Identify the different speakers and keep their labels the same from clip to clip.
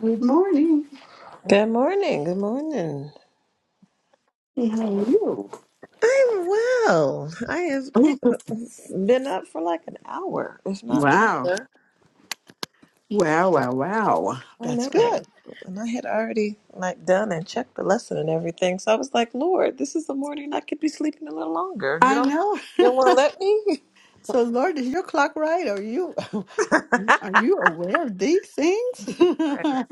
Speaker 1: Good morning.
Speaker 2: Good morning. Good morning.
Speaker 1: Hey, How are you?
Speaker 2: I'm well. I have been up for like an hour, if not
Speaker 1: Wow.
Speaker 2: longer.
Speaker 1: Wow, wow, wow.
Speaker 2: I
Speaker 1: That's
Speaker 2: know.
Speaker 1: good.
Speaker 2: And I had already like done and checked the lesson and everything. So I was like, Lord, this is the morning I could be sleeping a little longer. You
Speaker 1: I
Speaker 2: don't
Speaker 1: know.
Speaker 2: you don't wanna let me?
Speaker 1: So, Lord, is your clock right? Are you
Speaker 2: right.
Speaker 1: are you aware of these things? I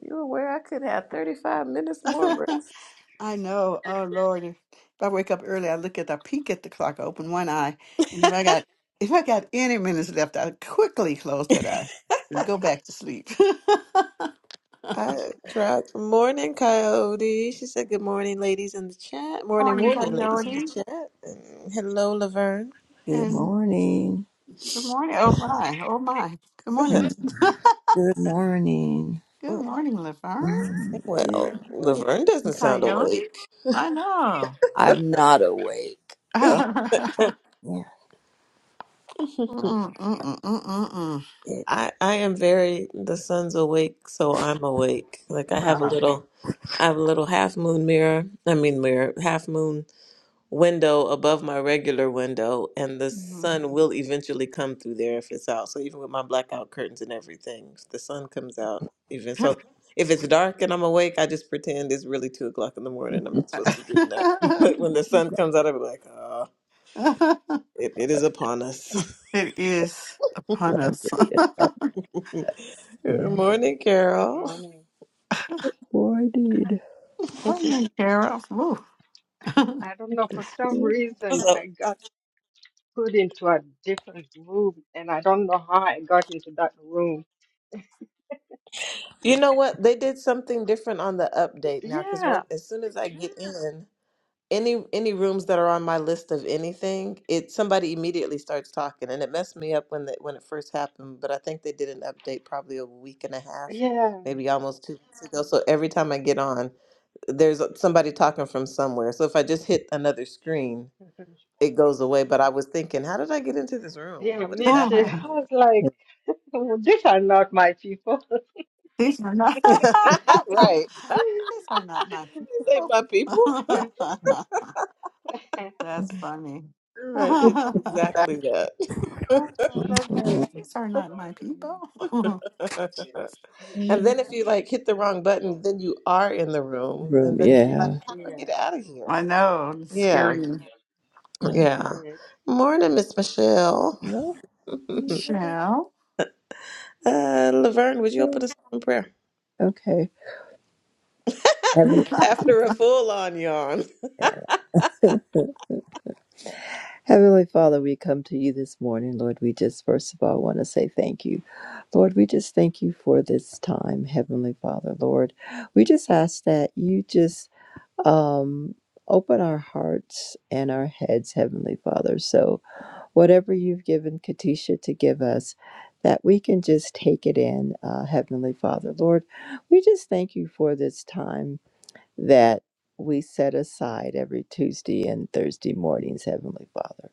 Speaker 2: You aware I could have thirty five minutes more rest.
Speaker 1: know. Oh, Lord. If I wake up early, I look at, I peek at the clock, I open one eye, and if I got if I got any minutes left, I quickly close that eye and go back to sleep.
Speaker 2: I tried morning coyote. She said good morning ladies in the chat. Morning
Speaker 1: morning,
Speaker 2: morning ladies in
Speaker 1: Coyote.
Speaker 2: the chat. And hello Laverne.
Speaker 3: Good
Speaker 1: And
Speaker 3: morning.
Speaker 1: good morning. Oh, my. Oh, my. Good morning.
Speaker 3: Mm. Good morning.
Speaker 1: Good
Speaker 2: Mm,
Speaker 1: morning, Laverne.
Speaker 3: Mm,
Speaker 2: Well,
Speaker 3: Good morning.
Speaker 2: Laverne doesn't sound
Speaker 1: Coyote.
Speaker 2: awake.
Speaker 1: I know.
Speaker 3: I'm not awake. Oh, yeah.
Speaker 1: Mm, mm, mm, mm, mm,
Speaker 3: It,
Speaker 2: I I am very the sun's awake, so I'm awake. Like
Speaker 1: mm.
Speaker 2: I have a
Speaker 1: No.
Speaker 2: little, I have a little half moon mirror. I mean mirror, half moon window above my regular window, and the sun will eventually come through there if it's out. So even with my blackout curtains and everything, if the sun comes out. Even so, if it's dark and I'm awake, I just pretend it's really two o'clock in the morning. I'm
Speaker 3: it's
Speaker 2: not supposed to be getting up, but when the sun comes out, I'll be like, oh,
Speaker 1: Mm.
Speaker 2: it, it is upon us.
Speaker 1: it is upon
Speaker 3: time
Speaker 1: us.
Speaker 3: to get up.
Speaker 2: Good
Speaker 3: Yeah.
Speaker 2: morning,
Speaker 4: Good
Speaker 2: Carol.
Speaker 4: morning.
Speaker 3: Morning.
Speaker 1: Morning, Carol. Woo.
Speaker 4: I don't
Speaker 3: With
Speaker 4: know,
Speaker 3: the
Speaker 4: for some
Speaker 3: spirit.
Speaker 2: What's
Speaker 4: reason
Speaker 2: up?
Speaker 4: I got put into a different room and I don't know how I got into that room.
Speaker 2: You know what? They did something different on the update now because when
Speaker 4: Yeah,
Speaker 2: as soon as I get in any any rooms that are on my list of anything, it somebody immediately starts talking, and it messed me up when the, when it first happened. But I think they did an update probably a week and a half,
Speaker 4: yeah,
Speaker 2: maybe almost two weeks ago. So every time I get on, there's somebody talking from somewhere. So if I just hit another screen, it goes away. But I was thinking, how did I get into this room?
Speaker 4: yeah,
Speaker 2: What is
Speaker 4: me too.
Speaker 2: happening
Speaker 4: I
Speaker 2: here?
Speaker 4: was like,
Speaker 3: in
Speaker 4: "Oh, these are not my people.
Speaker 1: These are not.
Speaker 2: right.
Speaker 1: These are not my
Speaker 2: These ain't
Speaker 1: people.
Speaker 2: my people.
Speaker 1: That's funny.
Speaker 2: Right, it's exactly that.
Speaker 1: Oh, I love that. These are not my people.
Speaker 2: and then if you like hit the wrong button, then you are in the room, and
Speaker 3: Room.
Speaker 2: then you're like,
Speaker 3: Yeah.
Speaker 2: how do I
Speaker 4: yeah,
Speaker 2: get out of here?
Speaker 1: I know, it's
Speaker 2: Yeah,
Speaker 1: scary.
Speaker 3: Yeah.
Speaker 2: yeah.
Speaker 4: yeah.
Speaker 2: Morning, Miss Michelle.
Speaker 3: No.
Speaker 2: uh,
Speaker 1: Shall?
Speaker 2: Laverne, would you open us in prayer
Speaker 3: Okay. Heavenly.
Speaker 2: after a full-on yawn?
Speaker 3: Heavenly Father, we come to you this morning, Lord. We just, first of all, want to say thank you. Lord, we just thank you for this time, Heavenly Father, Lord. We just ask that you just um, open our hearts and our heads, Heavenly Father. So, whatever you've given Katisha to give us, that we can just take it in, uh, Heavenly Father, Lord. We just thank you for this time that we set aside every Tuesday and Thursday mornings, Heavenly Father.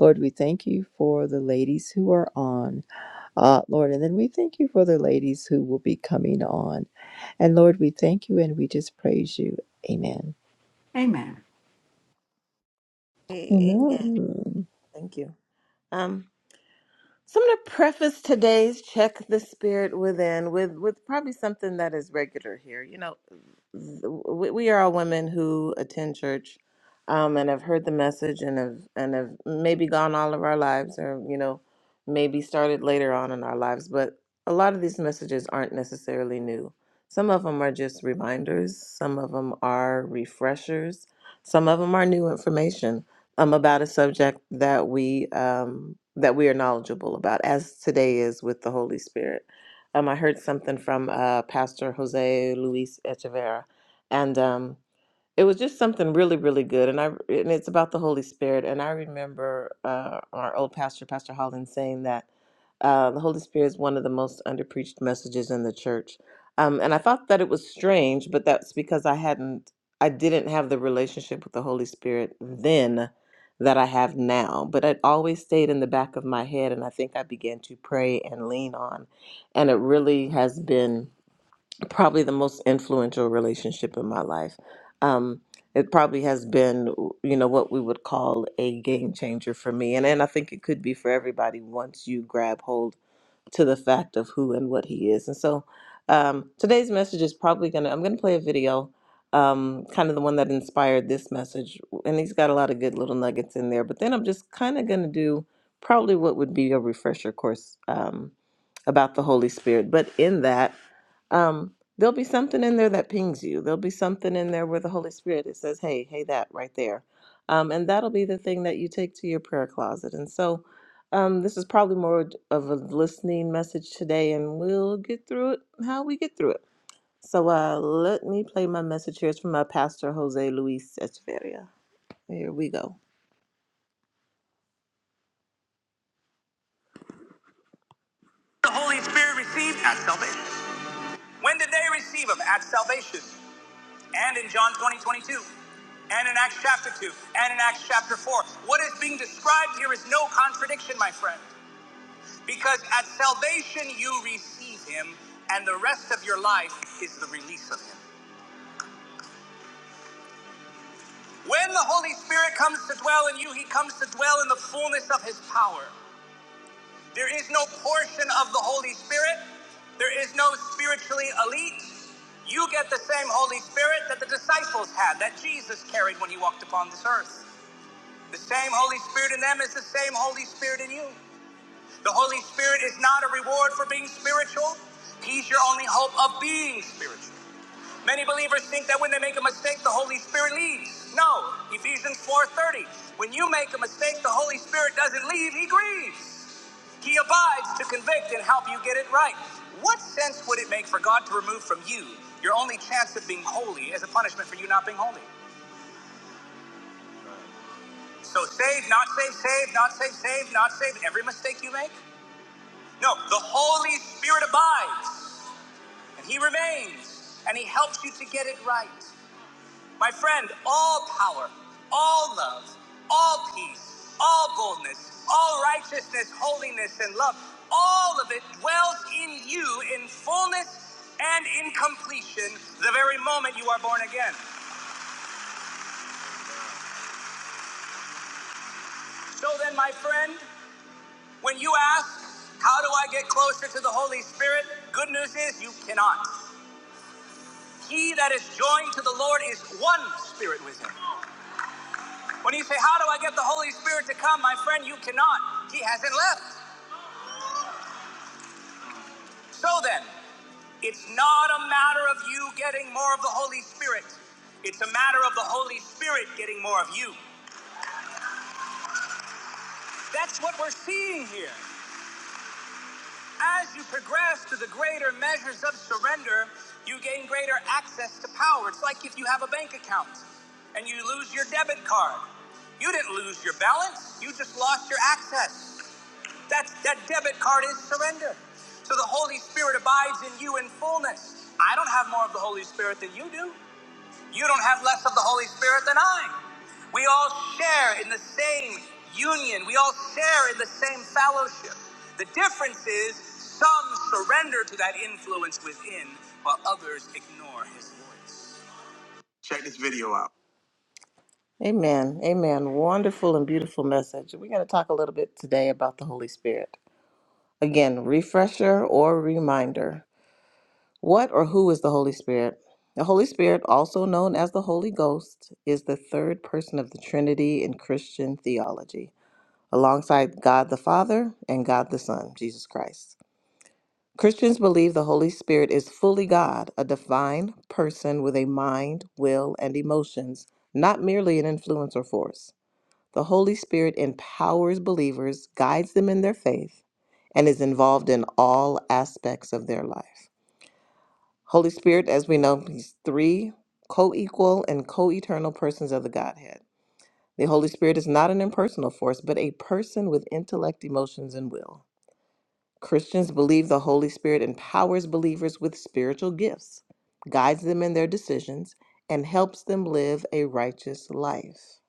Speaker 3: Lord, we thank you for the ladies who are on, uh, Lord, and then we thank you for the ladies who will be coming on. And Lord, we thank you and we just praise you. Amen.
Speaker 1: Amen.
Speaker 2: A- Amen.
Speaker 3: Amen.
Speaker 2: Thank you. Um, so I'm going to preface today's check the spirit within with with probably something that is regular here. You know, we, we are all women who attend church um, and have heard the message and have and have maybe gone all of our lives or you know maybe started later on in our lives but a lot of these messages aren't necessarily new some of them are just reminders some of them are refreshers some of them are new information um, about a subject that we um, that we are knowledgeable about as today is with the holy spirit um, i heard something from uh, pastor jose luis echeverra and um, it was just something really, really good. And I and it's about the Holy Spirit. And I remember uh, our old pastor, Pastor Holland, saying that uh, the Holy Spirit is one of the most underpreached messages in the church. Um, and I thought that it was strange, but that's because I hadn't, I didn't have the relationship with the Holy Spirit then that I have now. But it always stayed in the back of my head, and I think I began to pray and lean on, and it really has been probably the most influential relationship in my life. Um, it probably has been, you know, what we would call a game changer for me, and and I think it could be for everybody once you grab hold to the fact of who and what he is. And so, um, today's message is probably gonna. I'm gonna play a video, um, kind of the one that inspired this message, and he's got a lot of good little nuggets in there. But then I'm just kind of gonna do probably what would be a refresher course um, about the Holy Spirit. But in that um, there'll be something in there that pings you. There'll be something in there where the Holy Spirit it says, "Hey, hey, that right there," um, and that'll be the thing that you take to your prayer closet. And so, um, this is probably more of a listening message today, and we'll get through it how we get through it. So, uh, let me play my message. Here's from my pastor, Jose Luis Echeverria. Here we go. The Holy Spirit received at salvation. When did they receive him? At salvation. And in John 20 22, And in Acts chapter 2. And in Acts chapter 4. What is being described here is no contradiction, my friend. Because at salvation you receive him, and the rest of your life is the release of him. When the Holy Spirit comes to dwell in you, he comes to dwell in the fullness of his power. There is no portion of the Holy Spirit. There is no spiritually elite. You get the same Holy Spirit that the disciples had, that Jesus carried when he walked upon this earth. The same Holy Spirit in them is the same Holy Spirit in you. The Holy Spirit is not a reward for being spiritual, He's your only hope of being spiritual. Many believers think that when they make a mistake, the Holy Spirit leaves. No, Ephesians 4:30. When you make a mistake, the Holy Spirit doesn't leave, he grieves. He abides to convict and help you get it right. What sense would it make for God to remove from you your only chance of being holy as a punishment for you not being holy? So save, not save, save, not save, save, not save, every mistake you make? No, the Holy Spirit abides and He remains and He helps you to get it right. My friend, all power, all love, all peace, all boldness, all righteousness, holiness, and love, all of it dwells in you in fullness and in completion the very moment you are born again. So then, my friend, when you ask, How do I get closer to the Holy Spirit? Good news is you cannot. He that is joined to the Lord is one spirit with him. When you say, How do I get the Holy Spirit to come? My friend, you cannot. He hasn't left. So then, it's not a matter of you getting more of the Holy Spirit. It's a matter of the Holy Spirit getting more of you. That's what we're seeing here. As you progress to the greater measures of surrender, you gain greater access to power. It's like if you have a bank account and you lose your debit card. You didn't lose your balance, you just lost your access. That's, that debit card is surrender. So the Holy Spirit abides in you in fullness. I don't have more of the Holy Spirit than you do. You don't have less of the Holy Spirit than I. We all share in the same union, we all share in the same fellowship. The difference is some surrender to that influence within, while others ignore his voice. Check this video out. Amen. Amen. Wonderful and beautiful message. We're going to talk a little bit today about the Holy Spirit. Again, refresher or reminder. What or who is the Holy Spirit? The Holy Spirit, also known as the Holy Ghost, is the third person of the Trinity in Christian theology, alongside God the Father and God the Son, Jesus Christ. Christians believe the Holy Spirit is fully God, a divine person with a mind, will, and emotions, not merely an influence or force. The Holy Spirit empowers believers, guides them in their faith, and is involved in all aspects of their life. Holy Spirit, as we know, he's three co equal and co eternal persons of the Godhead. The Holy Spirit is not an impersonal force, but a person with intellect, emotions, and will. Christians believe the Holy Spirit empowers believers with spiritual gifts, guides them in their decisions, and helps them live a righteous life.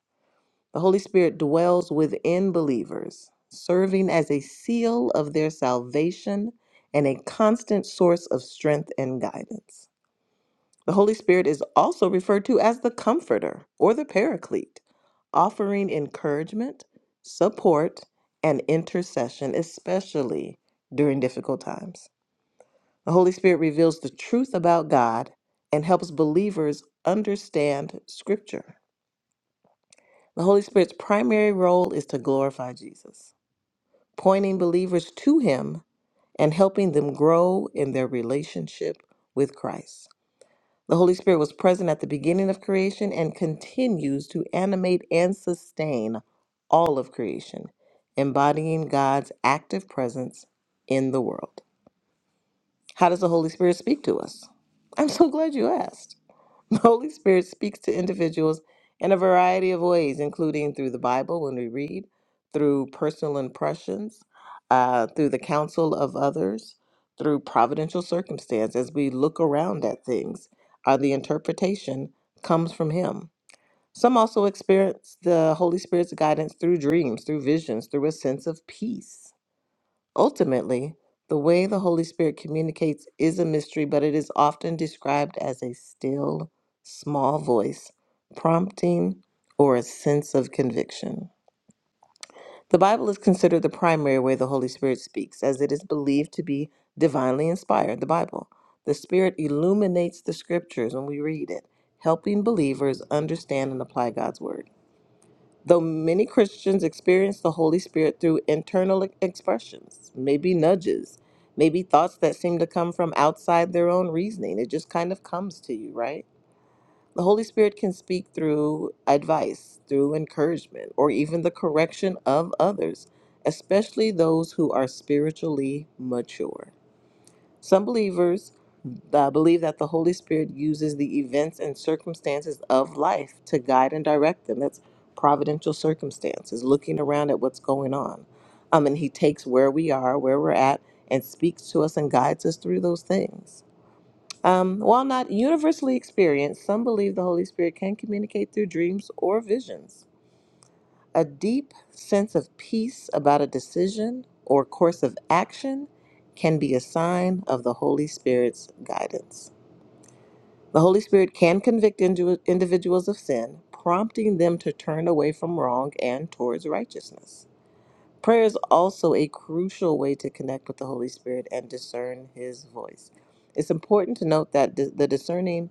Speaker 2: The Holy Spirit dwells within believers, serving as a seal of their salvation and a constant source of strength and guidance. The Holy Spirit is also referred to as the Comforter or the Paraclete, offering encouragement, support, and intercession, especially during difficult times. The Holy Spirit reveals the truth about God and helps believers understand Scripture. The Holy Spirit's primary role is to glorify Jesus, pointing believers to Him and helping them grow in their relationship with Christ. The Holy Spirit was present at the beginning of creation and continues to animate and sustain all of creation, embodying God's active presence in the world. How does the Holy Spirit speak to us? I'm so glad you asked. The Holy Spirit speaks to individuals in a variety of ways, including through the Bible when we read, through personal impressions, uh, through the counsel of others, through providential circumstance as we look around at things. Uh, the interpretation comes from Him. Some also experience the Holy Spirit's guidance through dreams, through visions, through a sense of peace. Ultimately, the way the Holy Spirit communicates is a mystery, but it is often described as a still, small voice, prompting, or a sense of conviction. The Bible is considered the primary way the Holy Spirit speaks, as it is believed to be divinely inspired, the Bible. The Spirit illuminates the scriptures when we read it, helping believers understand and apply God's word. Though many Christians experience the Holy Spirit through internal e-, expressions, maybe nudges, maybe thoughts that seem to come from outside their own reasoning, it just kind of comes to you, right? The Holy Spirit can speak through advice, through encouragement, or even the correction of others, especially those who are spiritually mature. Some believers uh, believe that the Holy Spirit uses the events and circumstances of life to guide and direct them. That's providential circumstances, looking around at what's going on. Um, and He takes where we are, where we're at, and speaks to us and guides us through those things. Um, while not universally experienced, some believe the Holy Spirit can communicate through dreams or visions. A deep sense of peace about a decision or course of action can be a sign of the Holy Spirit's guidance. The Holy Spirit can convict indi- individuals of sin, prompting them to turn away from wrong and towards righteousness. Prayer is also a crucial way to connect with the Holy Spirit and discern His voice. It's important to note that di- the discerning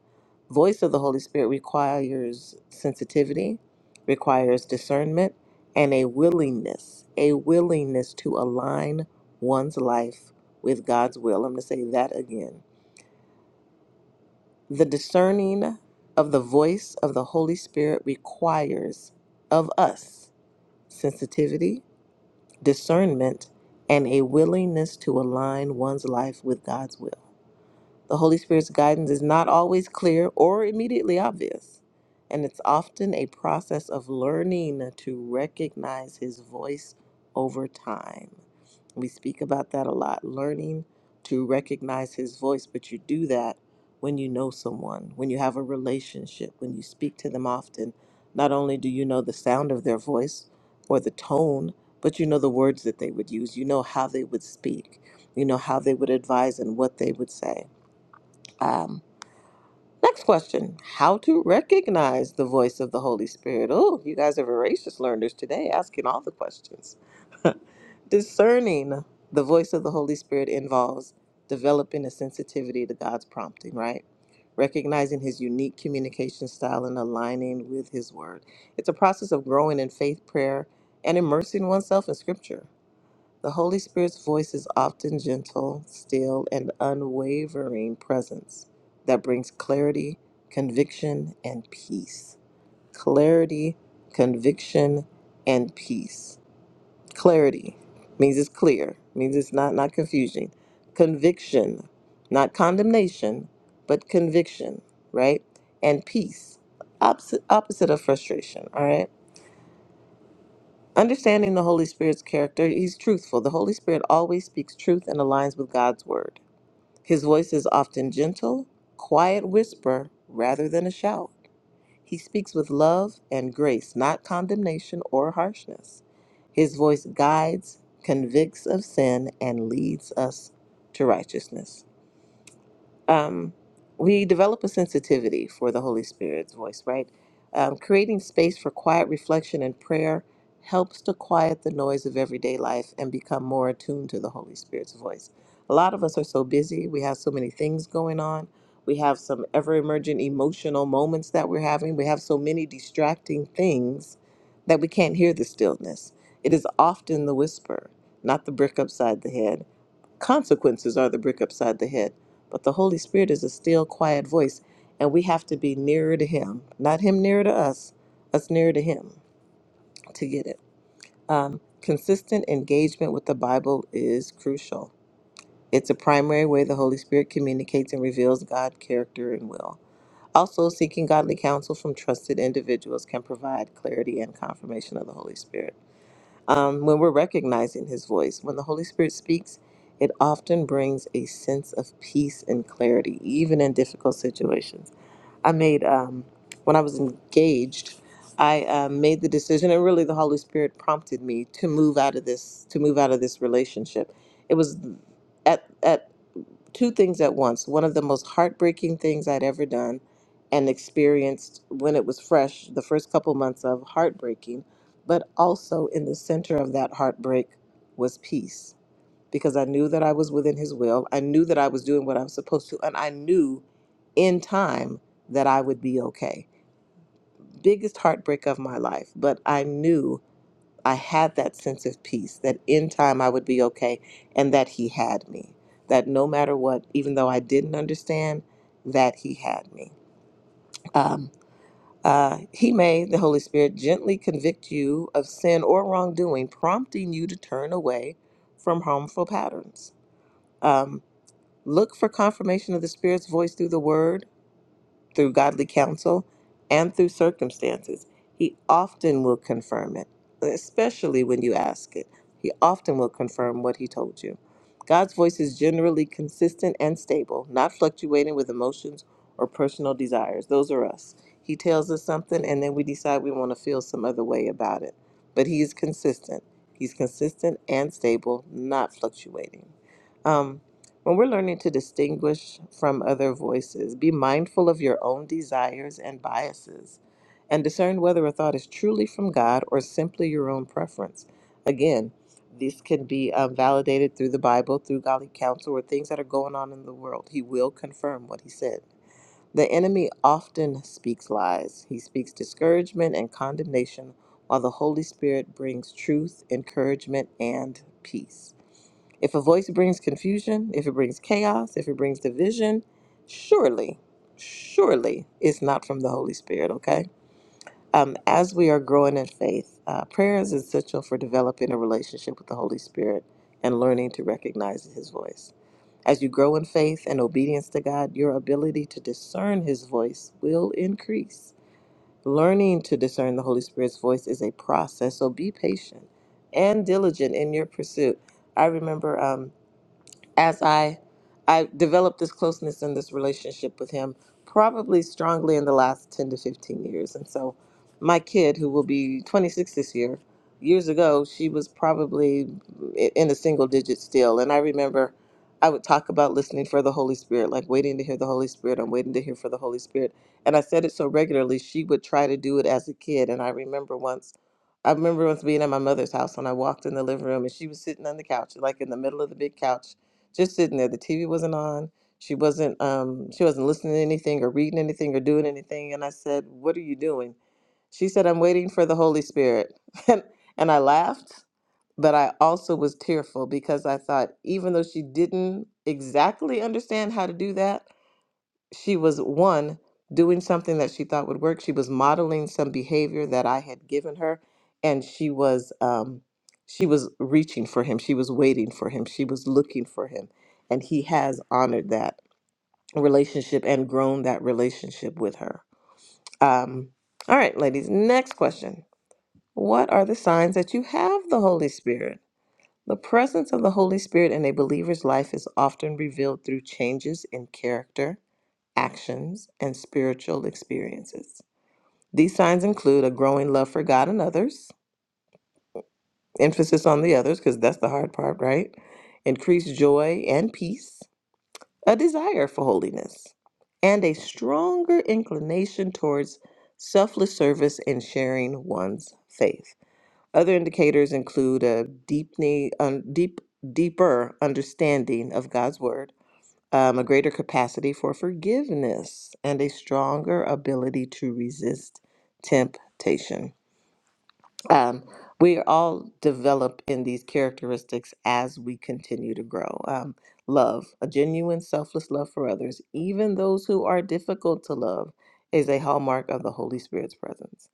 Speaker 2: voice of the Holy Spirit requires sensitivity, requires discernment, and a willingness, a willingness to align one's life with God's will. I'm going to say that again. The discerning of the voice of the Holy Spirit requires of us sensitivity, discernment, and a willingness to align one's life with God's will. The Holy Spirit's guidance is not always clear or immediately obvious, and it's often a process of learning to recognize His voice over time. We speak about that a lot, learning to recognize his voice, but you do that when you know someone, when you have a relationship, when you speak to them often. Not only do you know the sound of their voice or the tone, but you know the words that they would use. You know how they would speak. You know how they would advise and what they would say. Um, next question How to recognize the voice of the Holy Spirit? Oh, you guys are voracious learners today, asking all the questions. discerning the voice of the Holy Spirit involves developing a sensitivity to God's prompting, right? Recognizing his unique communication style and aligning with his word. It's a process of growing in faith, prayer, and immersing oneself in scripture. The Holy Spirit's voice is often gentle, still, and unwavering presence that brings clarity, conviction, and peace. Clarity, conviction, and peace Clarity means it's clear, means it's not not confusing. Conviction, not condemnation, but conviction, right? And peace, opposite opposite of frustration, all right? Understanding the Holy Spirit's character, he's truthful. The Holy Spirit always speaks truth and aligns with God's word. His voice is often gentle, quiet whisper rather than a shout. He speaks with love and grace, not condemnation or harshness. His voice guides, convicts of sin, and leads us to righteousness um, we develop a sensitivity for the Holy Spirit's voice, right? Um, creating space for quiet reflection and prayer helps to quiet the noise of everyday life and become more attuned to the Holy Spirit's voice. A lot of us are so busy, we have so many things going on. We have some ever emergent emotional moments that we're having. We have so many distracting things that we can't hear the stillness. It is often the whisper, not the brick upside the head Consequences are the brick upside the head, but the Holy Spirit is a still, quiet voice, and we have to be nearer to Him. Not Him nearer to us, us nearer to Him to get it. Um, consistent engagement with the Bible is crucial. It's a primary way the Holy Spirit communicates and reveals God's character and will. Also, seeking godly counsel from trusted individuals can provide clarity and confirmation of the Holy Spirit um, when we're recognizing his voice. When the Holy Spirit speaks, it often brings a sense of peace and clarity, even in difficult situations. I made, um, when I was engaged, I uh, made the decision, and really the Holy Spirit prompted me to move out of this, to move out of this relationship. It was at, at two things at once. One of the most heartbreaking things I'd ever done and experienced when it was fresh, the first couple months of heartbreaking, but also in the center of that heartbreak was peace because I knew that I was within his will. I knew that I was doing what I was supposed to, and I knew in time that I would be okay. Biggest heartbreak of my life, but I knew I had that sense of peace that in time I would be okay and that He had me. That no matter what, even though I didn't understand, that He had me. Um, uh, he may, the Holy Spirit, gently convict you of sin or wrongdoing, prompting you to turn away from harmful patterns. Um, look for confirmation of the Spirit's voice through the Word through godly counsel and through circumstances. He often will confirm it, especially when you ask it. He often will confirm what he told you. God's voice is generally consistent and stable, not fluctuating with emotions or personal desires. Those are us. He tells us something and then we decide we want to feel some other way about it. But he is consistent. He's consistent and stable, not fluctuating. Um. When we're learning to distinguish from other voices, be mindful of your own desires and biases, and discern whether a thought is truly from God or simply your own preference. Again, this can be um, validated through the Bible, through godly counsel, or things that are going on in the world. He will confirm what he said. The enemy often speaks lies, he speaks discouragement and condemnation, while the Holy Spirit brings truth, encouragement, and peace. If a voice brings confusion, if it brings chaos, if it brings division, surely, surely it's not from the Holy Spirit, okay? Um, as we are growing in faith, uh, prayer is essential for developing a relationship with the Holy Spirit and learning to recognize His voice. As you grow in faith and obedience to God, your ability to discern His voice will increase. Learning to discern the Holy Spirit's voice is a process, so be patient and diligent in your pursuit. I remember. Um, as I I developed this closeness and this relationship with him probably strongly in the last 10 to 15 years. And so my kid who will be 26 this year, years ago she was probably i- in a single digit still and I remember I would talk about listening for the Holy Spirit, like waiting to hear the Holy Spirit. I'm waiting to hear for the Holy Spirit. And I said it so regularly, she would try to do it as a kid. And I remember once, I remember once being at my mother's house and I walked in the living room and she was sitting on the couch, like in the middle of the big couch just sitting there. The TV wasn't on. She wasn't um she wasn't listening to anything or reading anything or doing anything. And I said, What are you doing? She said, I'm waiting for the Holy Spirit. And and I laughed, but I also was tearful because I thought, even though she didn't exactly understand how to do that, she was one doing something that she thought would work she was modeling some behavior that i had given her and she was um she was reaching for him she was waiting for him she was looking for him and he has honored that relationship and grown that relationship with her um all right ladies next question what are the signs that you have the holy spirit the presence of the holy spirit in a believer's life is often revealed through changes in character actions, and spiritual experiences. These signs include a growing love for God and others, emphasis on the others, because that's the hard part, right? Increased joy and peace, a desire for holiness, and a stronger inclination towards selfless service and sharing one's faith. Other indicators include a deepening, un, deep, deeper understanding of God's word um, a greater capacity for forgiveness, and a stronger ability to resist temptation. Um, we all develop in these characteristics as we continue to grow. Um, love, a genuine, selfless love for others, even those who are difficult to love, is a hallmark of the Holy Spirit's presence.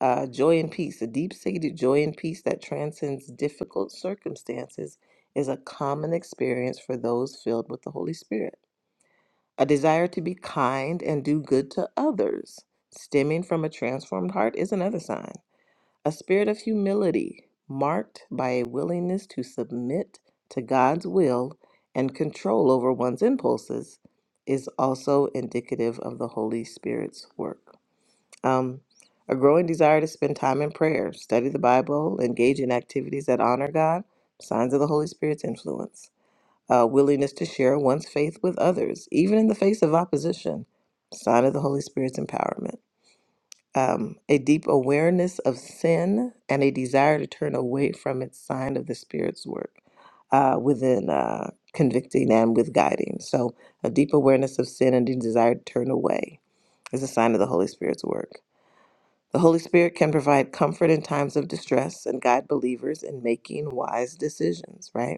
Speaker 2: Uh, joy and peace, a deep seated joy and peace that transcends difficult circumstances, is a common experience for those filled with the Holy Spirit. A desire to be kind and do good to others, stemming from a transformed heart, is another sign. A spirit of humility, marked by a willingness to submit to God's will and control over one's impulses, is also indicative of the Holy Spirit's work. Um, a growing desire to spend time in prayer, study the Bible, engage in activities that honor God, signs of the Holy Spirit's influence a willingness to share one's faith with others, even in the face of opposition, sign of the Holy Spirit's empowerment, um, a deep awareness of sin and a desire to turn away from it, sign of the Spirit's work uh, within uh, convicting and with guiding. So, a deep awareness of sin and a desire to turn away is a sign of the Holy Spirit's work. The Holy Spirit can provide comfort in times of distress and guide believers in making wise decisions, right?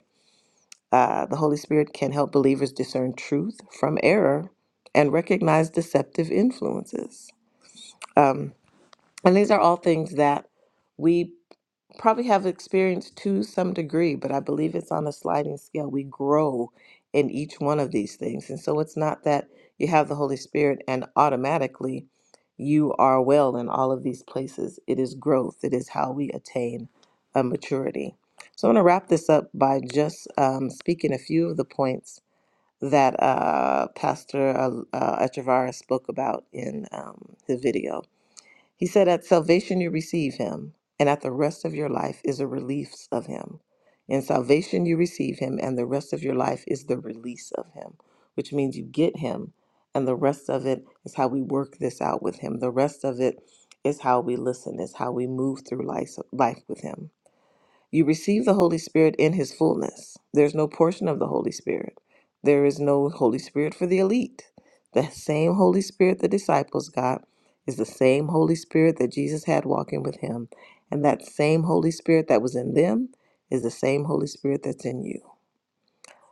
Speaker 2: Uh, the Holy Spirit can help believers discern truth from error and recognize deceptive influences. Um, and these are all things that we probably have experienced to some degree, but I believe it's on a sliding scale. We grow in each one of these things. And so it's not that you have the Holy Spirit and automatically you are well in all of these places. It is growth, it is how we attain a maturity. So I'm going to wrap this up by just um, speaking a few of the points that uh, Pastor uh, uh, Echevarria spoke about in um, the video. He said, At salvation you receive him, and at the rest of your life is a release of him. In salvation you receive him, and the rest of your life is the release of him, which means you get him, and the rest of it is how we work this out with him. The rest of it is how we listen, is how we move through life, life with him. You receive the Holy Spirit in his fullness. There's no portion of the Holy Spirit. There is no Holy Spirit for the elite. The same Holy Spirit the disciples got is the same Holy Spirit that Jesus had walking with him. And that same Holy Spirit that was in them is the same Holy Spirit that's in you.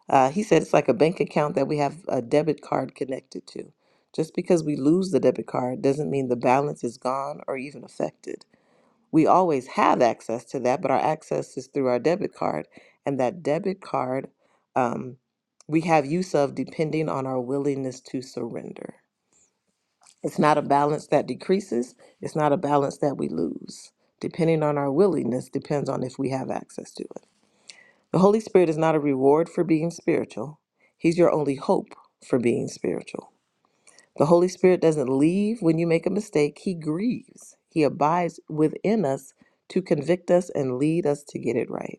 Speaker 2: Uh, he said it's like a bank account that we have a debit card connected to. Just because we lose the debit card doesn't mean the balance is gone or even affected. We always have access to that, but our access is through our debit card. And that debit card um, we have use of depending on our willingness to surrender. It's not a balance that decreases, it's not a balance that we lose. Depending on our willingness, depends on if we have access to it. The Holy Spirit is not a reward for being spiritual, He's your only hope for being spiritual. The Holy Spirit doesn't leave when you make a mistake, He grieves. He abides within us to convict us and lead us to get it right.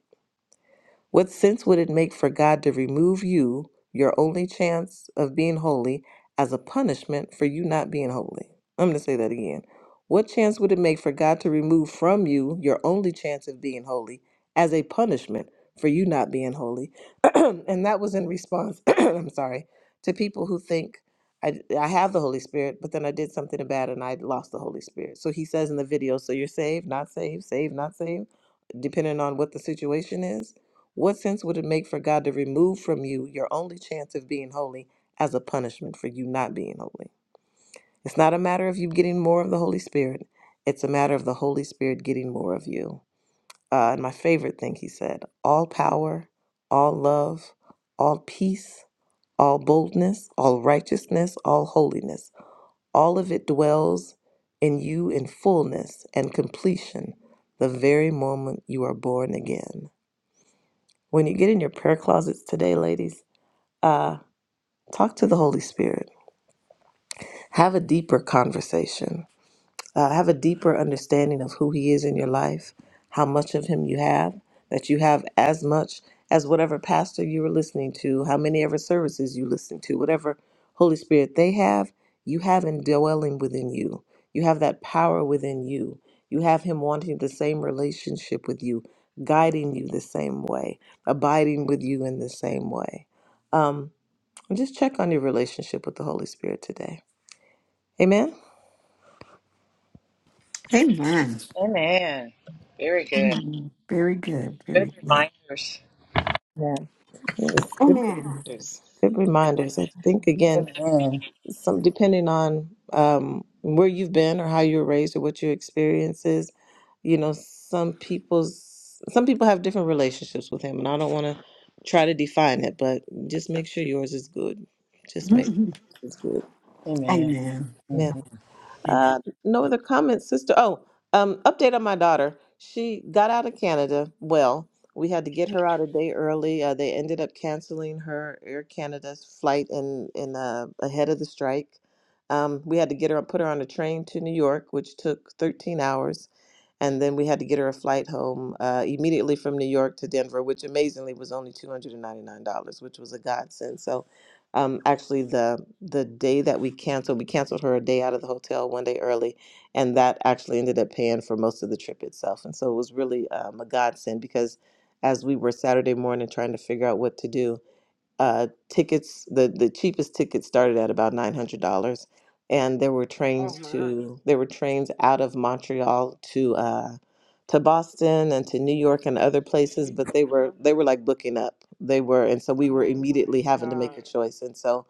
Speaker 2: What sense would it make for God to remove you, your only chance of being holy, as a punishment for you not being holy? I'm going to say that again. What chance would it make for God to remove from you your only chance of being holy as a punishment for you not being holy? and that was in response, I'm sorry, to people who think I, I have the Holy Spirit, but then I did something bad and I lost the Holy Spirit. So he says in the video, so you're saved, not saved, saved, not saved depending on what the situation is, what sense would it make for God to remove from you your only chance of being holy as a punishment for you not being holy? It's not a matter of you getting more of the Holy Spirit, it's a matter of the Holy Spirit getting more of you. Uh, and my favorite thing he said all power, all love, all peace, all boldness, all righteousness, all holiness, all of it dwells in you in fullness and completion the very moment you are born again. When you get in your prayer closets today, ladies, uh, talk to the Holy Spirit. Have a deeper conversation. Uh, have a deeper understanding of who He is in your life, how much of Him you have, that you have as much as whatever pastor you were listening to, how many ever services you listen to, whatever Holy Spirit they have, you have in dwelling within you. You have that power within you. You have Him wanting the same relationship with you, guiding you the same way, abiding with you in the same way. Um, and just check on your relationship with the Holy Spirit today. Amen.
Speaker 1: Amen.
Speaker 5: Amen. Very good.
Speaker 1: Mm, Very good.
Speaker 5: Good
Speaker 1: Very good.
Speaker 5: reminders.
Speaker 3: Amen.
Speaker 2: Yes. Good,
Speaker 1: Amen.
Speaker 2: Yes. good reminders. I think again,
Speaker 5: Amen.
Speaker 2: some depending on um, where you've been or how you were raised or what your experience is. You know, some people's some people have different relationships with Him, and I don't want to try to define it, but just make sure yours is good. Just make sure
Speaker 1: Mhm.
Speaker 2: yours good.
Speaker 5: Amen.
Speaker 1: Amen.
Speaker 5: Mhm.
Speaker 1: Amen.
Speaker 2: Uh, no other comments, sister. Oh, um, update on my daughter. She got out of Canada. Well, we had to get her out a day early. Uh, they ended up canceling her Air Canada's flight in in uh, ahead of the strike. Um, we had to get her put her on a train to New York, which took 13 hours and then we had to get her a flight home uh, immediately from New York to Denver, which amazingly was only two hundred and ninety nine dollars, which was a godsend. So, um, actually, the the day that we canceled, we canceled her a day out of the hotel, one day early, and that actually ended up paying for most of the trip itself. And so it was really um, a godsend because as we were Saturday morning trying to figure out what to do uh, tickets the the cheapest ticket started at about nine hundred dollars, and there were
Speaker 4: Oh
Speaker 2: trains
Speaker 4: my.
Speaker 2: to there were trains out of Montreal to uh, to Boston and to New York and other places, but they were they were like booking up. They were, and so we were
Speaker 4: Oh my
Speaker 2: immediately having to make
Speaker 4: God.
Speaker 2: a choice, and so.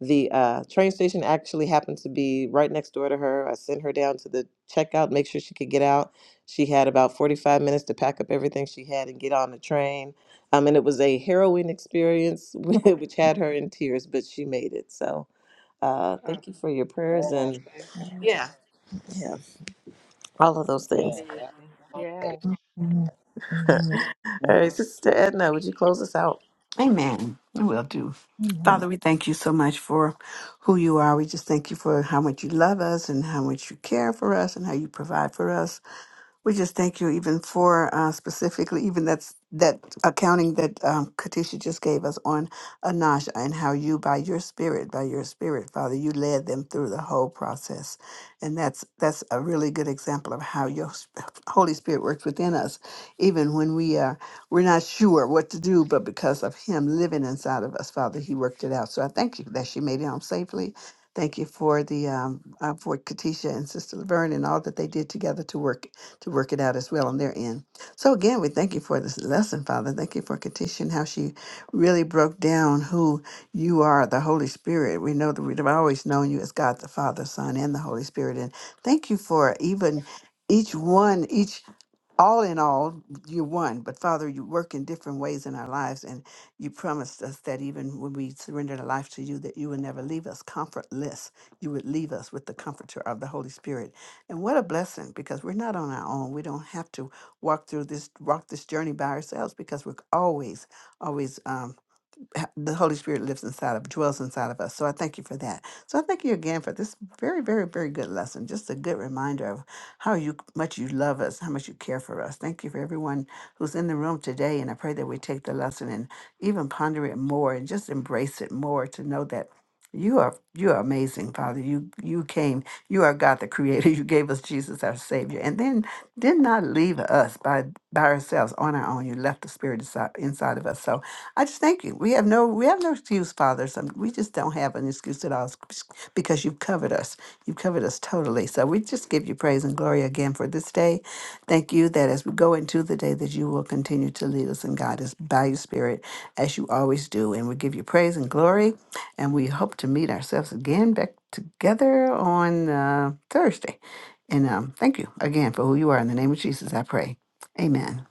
Speaker 2: The uh, train station actually happened to be right next door to her. I sent her down to the checkout, make sure she could get out. She had about 45 minutes to pack up everything she had and get on the train um, and it was a harrowing experience, which had her in tears, but she made it. So uh,
Speaker 4: Oh,
Speaker 2: thank you for your prayers
Speaker 5: Amen.
Speaker 2: and
Speaker 4: thank God.
Speaker 2: Yeah. yeah, all of those things.
Speaker 5: Amen.
Speaker 4: Amazing.
Speaker 5: That-
Speaker 4: Yes.
Speaker 3: Amen.
Speaker 2: all
Speaker 3: Amen.
Speaker 2: right, Sister Edna, would you close us out?
Speaker 1: Amen. I will do.
Speaker 3: Amen.
Speaker 1: Father, we thank you so much for who you are. We just thank you for how much you love us and how much you care for us and how you provide for us. We just thank you even for uh, specifically even that's that accounting that um, Katisha just gave us on Anasha and how you by your spirit, by your spirit, Father, you led them through the whole process, and that's that's a really good example of how your sp- Holy Spirit works within us, even when we uh, we're not sure what to do, but because of Him living inside of us, Father, He worked it out. So I thank you that she made it home safely. Thank you for the um, uh, for Katisha and Sister Laverne and all that they did together to work to work it out as well on their end. So again, we thank you for this lesson, Father. Thank you for Katisha and how she really broke down who you are, the Holy Spirit. We know that we've always known you as God the Father, Son, and the Holy Spirit. And thank you for even each one, each all in all, you're one, but Father, you work in different ways in our lives, and you promised us that even when we surrendered our life to you, that you would never leave us comfortless. You would leave us with the comforter of the Holy Spirit. And what a blessing, because we're not on our own. We don't have to walk through this walk this journey by ourselves because we're always, always um, ha- the Holy Spirit lives inside of, dwells inside of us. So I thank you for that. So I thank you again for this very, very, very good lesson. Just a good reminder of how you much you love us, how much you care for us. Thank you for everyone who's in the room today, and I pray that we take the lesson and even ponder it more and just embrace it more to know that. You are you are amazing, Father. You you came. You are God, the Creator. You gave us Jesus, our Savior, and then did not leave us by by ourselves on our own. You left the Spirit inside, inside of us. So I just thank you. We have no we have no excuse, Father. So we just don't have an excuse at all s- because you've covered us. You've covered us totally. So we just give you praise and glory again for this day. Thank you that as we go into the day that you will continue to lead us and guide us by your spirit as you always do. And we give you praise and glory. And we hope to meet ourselves again back together on uh, Thursday. And um, thank you again for who you are. In the name of Jesus, I pray. Amen.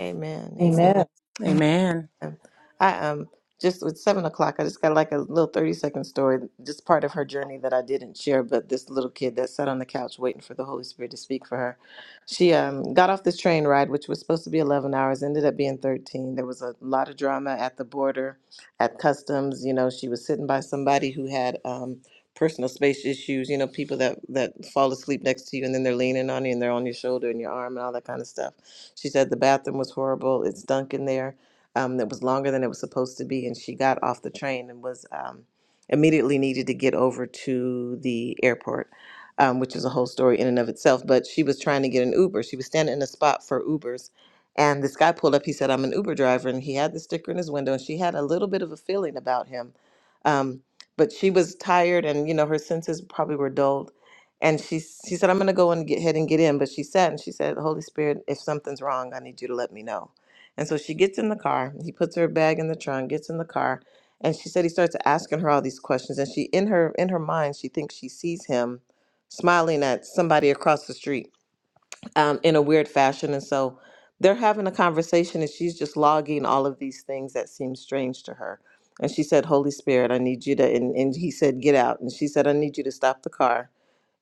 Speaker 2: Amen. Amen.
Speaker 3: Amen.
Speaker 5: Amen.
Speaker 2: Um, I um just with seven o'clock, I just got like a little thirty second story, just part of her journey that I didn't share. But this little kid that sat on the couch waiting for the Holy Spirit to speak for her, she um got off this train ride, which was supposed to be eleven hours, ended up being thirteen. There was a lot of drama at the border, at customs. You know, she was sitting by somebody who had um personal space issues. You know, people that that fall asleep next to you and then they're leaning on you and they're on your shoulder and your arm and all that kind of stuff. She said the bathroom was horrible. It stunk in there um, that was longer than it was supposed to be, and she got off the train and was um, immediately needed to get over to the airport, um, which is a whole story in and of itself. But she was trying to get an Uber. She was standing in a spot for Ubers, and this guy pulled up. He said, "I'm an Uber driver," and he had the sticker in his window, and she had a little bit of a feeling about him. Um, but she was tired, and you know her senses probably were dulled and she she said i'm gonna go and get head and get in but she sat and she said holy spirit if something's wrong i need you to let me know and so she gets in the car. He puts her bag in the trunk, gets in the car, and she said he starts asking her all these questions. And she in her in her mind, she thinks she sees him smiling at somebody across the street um, in a weird fashion. And so they're having a conversation, and she's just logging all of these things that seem strange to her. And she said, "Holy Spirit, I need you to." And, and he said, "Get out." And she said, "I need you to stop the car."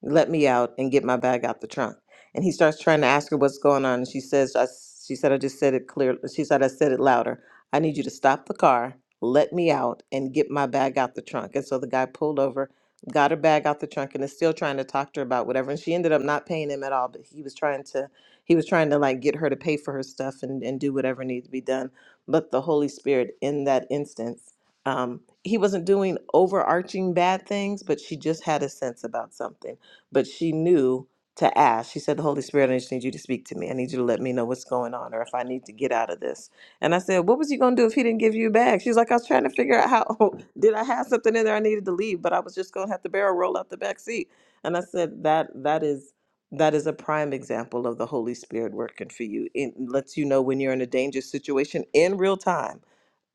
Speaker 2: let me out and get my bag out the trunk. And he starts trying to ask her what's going on. And she says, I, s- she said, I just said it clear. She said, I said it louder. I need you to stop the car, let me out and get my bag out the trunk. And so the guy pulled over, got her bag out the trunk and is still trying to talk to her about whatever. And she ended up not paying him at all, but he was trying to, he was trying to like get her to pay for her stuff and, and do whatever needed to be done. But the Holy Spirit in that instance, um, he wasn't doing overarching bad things, but she just had a sense about something but she knew to ask. She said, The Holy Spirit, I just need you to speak to me. I need you to let me know what's going on or if I need to get out of this. And I said, What was you going to do if he didn't give you a bag? She's like, I was trying to figure out how, did I have something in there I needed to leave, but I was just going to have to barrel roll out the back seat. And I said, That That is. That is a prime example of the Holy Spirit working for you. It lets you know when you're in a dangerous situation in real time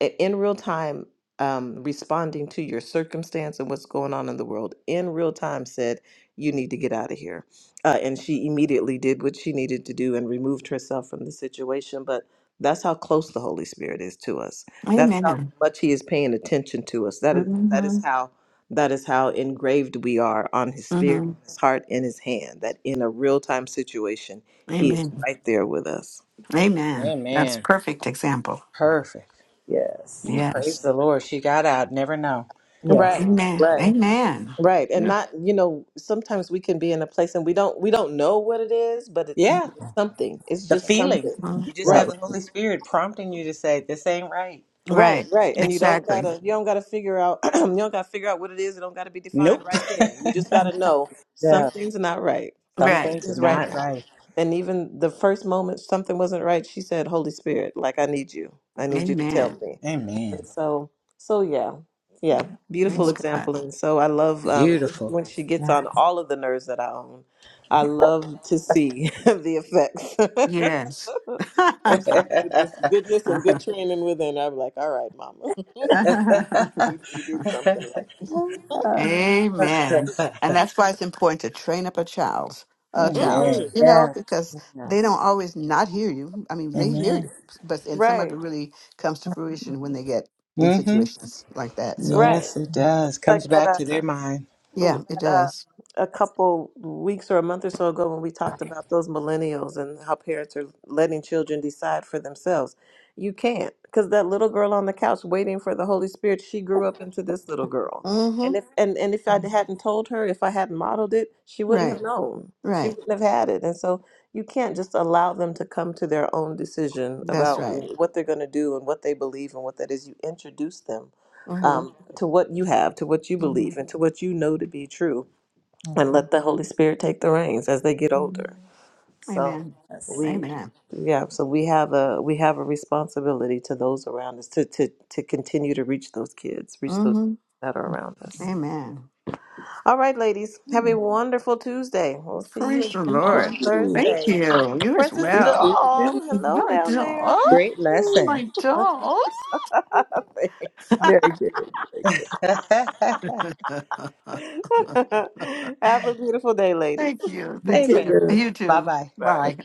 Speaker 2: i- in real time um, responding to your circumstance and what's going on in the world in real time said you need to get out of here uh, and she immediately did what she needed to do and removed herself from the situation but that's how close the holy spirit is to us that's how
Speaker 1: Amen.
Speaker 2: much he is paying attention to us that is that is
Speaker 1: hmm
Speaker 2: how that is how engraved we are on his
Speaker 1: hmm
Speaker 2: spirit on his heart in his hand that in a real time situation he is
Speaker 1: Amen.
Speaker 2: right there with us
Speaker 1: Amen. That's
Speaker 5: Amen.
Speaker 1: perfect example.
Speaker 5: Perfect.
Speaker 3: Yes.
Speaker 5: Ooh,
Speaker 1: Yes.
Speaker 5: praise the Lord. She got out. Never know.
Speaker 3: Yes.
Speaker 2: right
Speaker 4: Wow.
Speaker 1: Amen.
Speaker 2: right
Speaker 1: Amen.
Speaker 2: Right. And
Speaker 1: Yeah.
Speaker 2: not, you know, sometimes we can be in a place and we don't we don't know what it is, but it's
Speaker 5: Yeah.
Speaker 2: something. It's
Speaker 5: The
Speaker 2: just
Speaker 5: feeling.
Speaker 2: something.
Speaker 1: Mm.
Speaker 5: You just
Speaker 3: Not
Speaker 5: have
Speaker 2: Right.
Speaker 5: the Holy Spirit prompting you to say, this ain't right.
Speaker 2: Right,
Speaker 1: Right.
Speaker 2: right. And you don't
Speaker 1: Exactly.
Speaker 2: gotta you don't gotta figure out you don't gotta figure out what it is. It don't gotta be defined
Speaker 5: Nope.
Speaker 2: right then. You just gotta know something's not right.
Speaker 5: Some
Speaker 1: Right.
Speaker 5: things are
Speaker 2: is right
Speaker 5: not
Speaker 2: now.
Speaker 5: right.
Speaker 2: And even the first moment something wasn't right, she said, Holy Spirit, like I need you. I need you to tell
Speaker 1: Amen.
Speaker 2: me. And
Speaker 5: Amen.
Speaker 2: so so yeah. Yeah. Beautiful
Speaker 1: Praise
Speaker 3: Mhm.
Speaker 1: God.
Speaker 2: example. And so I love um
Speaker 5: Beautiful.
Speaker 2: when she gets on all of the nerves that I own. I love to see the effects.
Speaker 1: Yes.
Speaker 2: of some goodness, goodness and good training within. I'm like, all right, mama. You you did something right.
Speaker 3: no.
Speaker 1: Amen. And that's why it's important to train up a child, a child,
Speaker 2: hmm
Speaker 5: Amen.
Speaker 3: Yes.
Speaker 1: you know,
Speaker 3: Yes.
Speaker 1: because they
Speaker 3: Yes.
Speaker 1: don't always not hear you. I mean, they
Speaker 5: Amen.
Speaker 1: hear you, but and some of
Speaker 2: Right.
Speaker 1: it really comes to fruition when they get in
Speaker 5: Mm-hmm.
Speaker 1: situations like that. So,
Speaker 2: Right.
Speaker 5: Yes, it does. Comes
Speaker 2: Like
Speaker 5: back
Speaker 2: that
Speaker 5: to
Speaker 2: uh,
Speaker 5: their mind.
Speaker 1: yeah, it
Speaker 2: uh,
Speaker 1: does.
Speaker 2: a couple weeks or a month or so ago when we talked about those millennials and how parents are letting children decide for themselves. You can't, because that little girl on the couch waiting for the Holy Spirit, she grew up into this little girl.
Speaker 1: Mm-hmm.
Speaker 2: And if and, and if I hadn't told her, if I hadn't modeled it, she wouldn't have
Speaker 1: Right.
Speaker 2: known. She
Speaker 1: Right.
Speaker 2: wouldn't have had it. And so you can't just allow them to come to their own decision
Speaker 1: That's
Speaker 2: about
Speaker 1: right.
Speaker 2: what they're going to do and what they believe and what that is. You introduce them um,
Speaker 1: Mm-hmm.
Speaker 2: to what you have, to what you believe,
Speaker 1: hmm
Speaker 2: and to what you know to be true, and
Speaker 3: Mhm.
Speaker 2: let the Holy Spirit take the reins as they get older. So
Speaker 1: Amen.
Speaker 3: Yes.
Speaker 2: we,
Speaker 1: Amen.
Speaker 2: yeah, so we have a we have a responsibility to those around us to to to continue to reach those kids, reach those
Speaker 1: Mm-hmm.
Speaker 2: that are around us.
Speaker 1: Amen.
Speaker 2: All right, ladies, have a wonderful Tuesday. We'll see you
Speaker 1: Praise the
Speaker 2: again on
Speaker 1: Lord. Thank
Speaker 2: Thursday.
Speaker 1: you. You as
Speaker 2: Princess
Speaker 5: You
Speaker 1: well.
Speaker 5: too.
Speaker 2: Doll,
Speaker 3: Thank
Speaker 2: hello
Speaker 1: My
Speaker 2: down
Speaker 1: dog.
Speaker 2: there.
Speaker 1: Oh,
Speaker 5: Great
Speaker 3: you.
Speaker 5: lesson.
Speaker 1: my dog.
Speaker 3: Very good. Very good.
Speaker 2: have a beautiful day, ladies.
Speaker 1: Thank you.
Speaker 3: You
Speaker 1: Thank
Speaker 5: Amen.
Speaker 1: you.
Speaker 3: too.
Speaker 1: You
Speaker 5: Bye
Speaker 1: too.
Speaker 5: bye.
Speaker 2: Bye.
Speaker 1: Bye.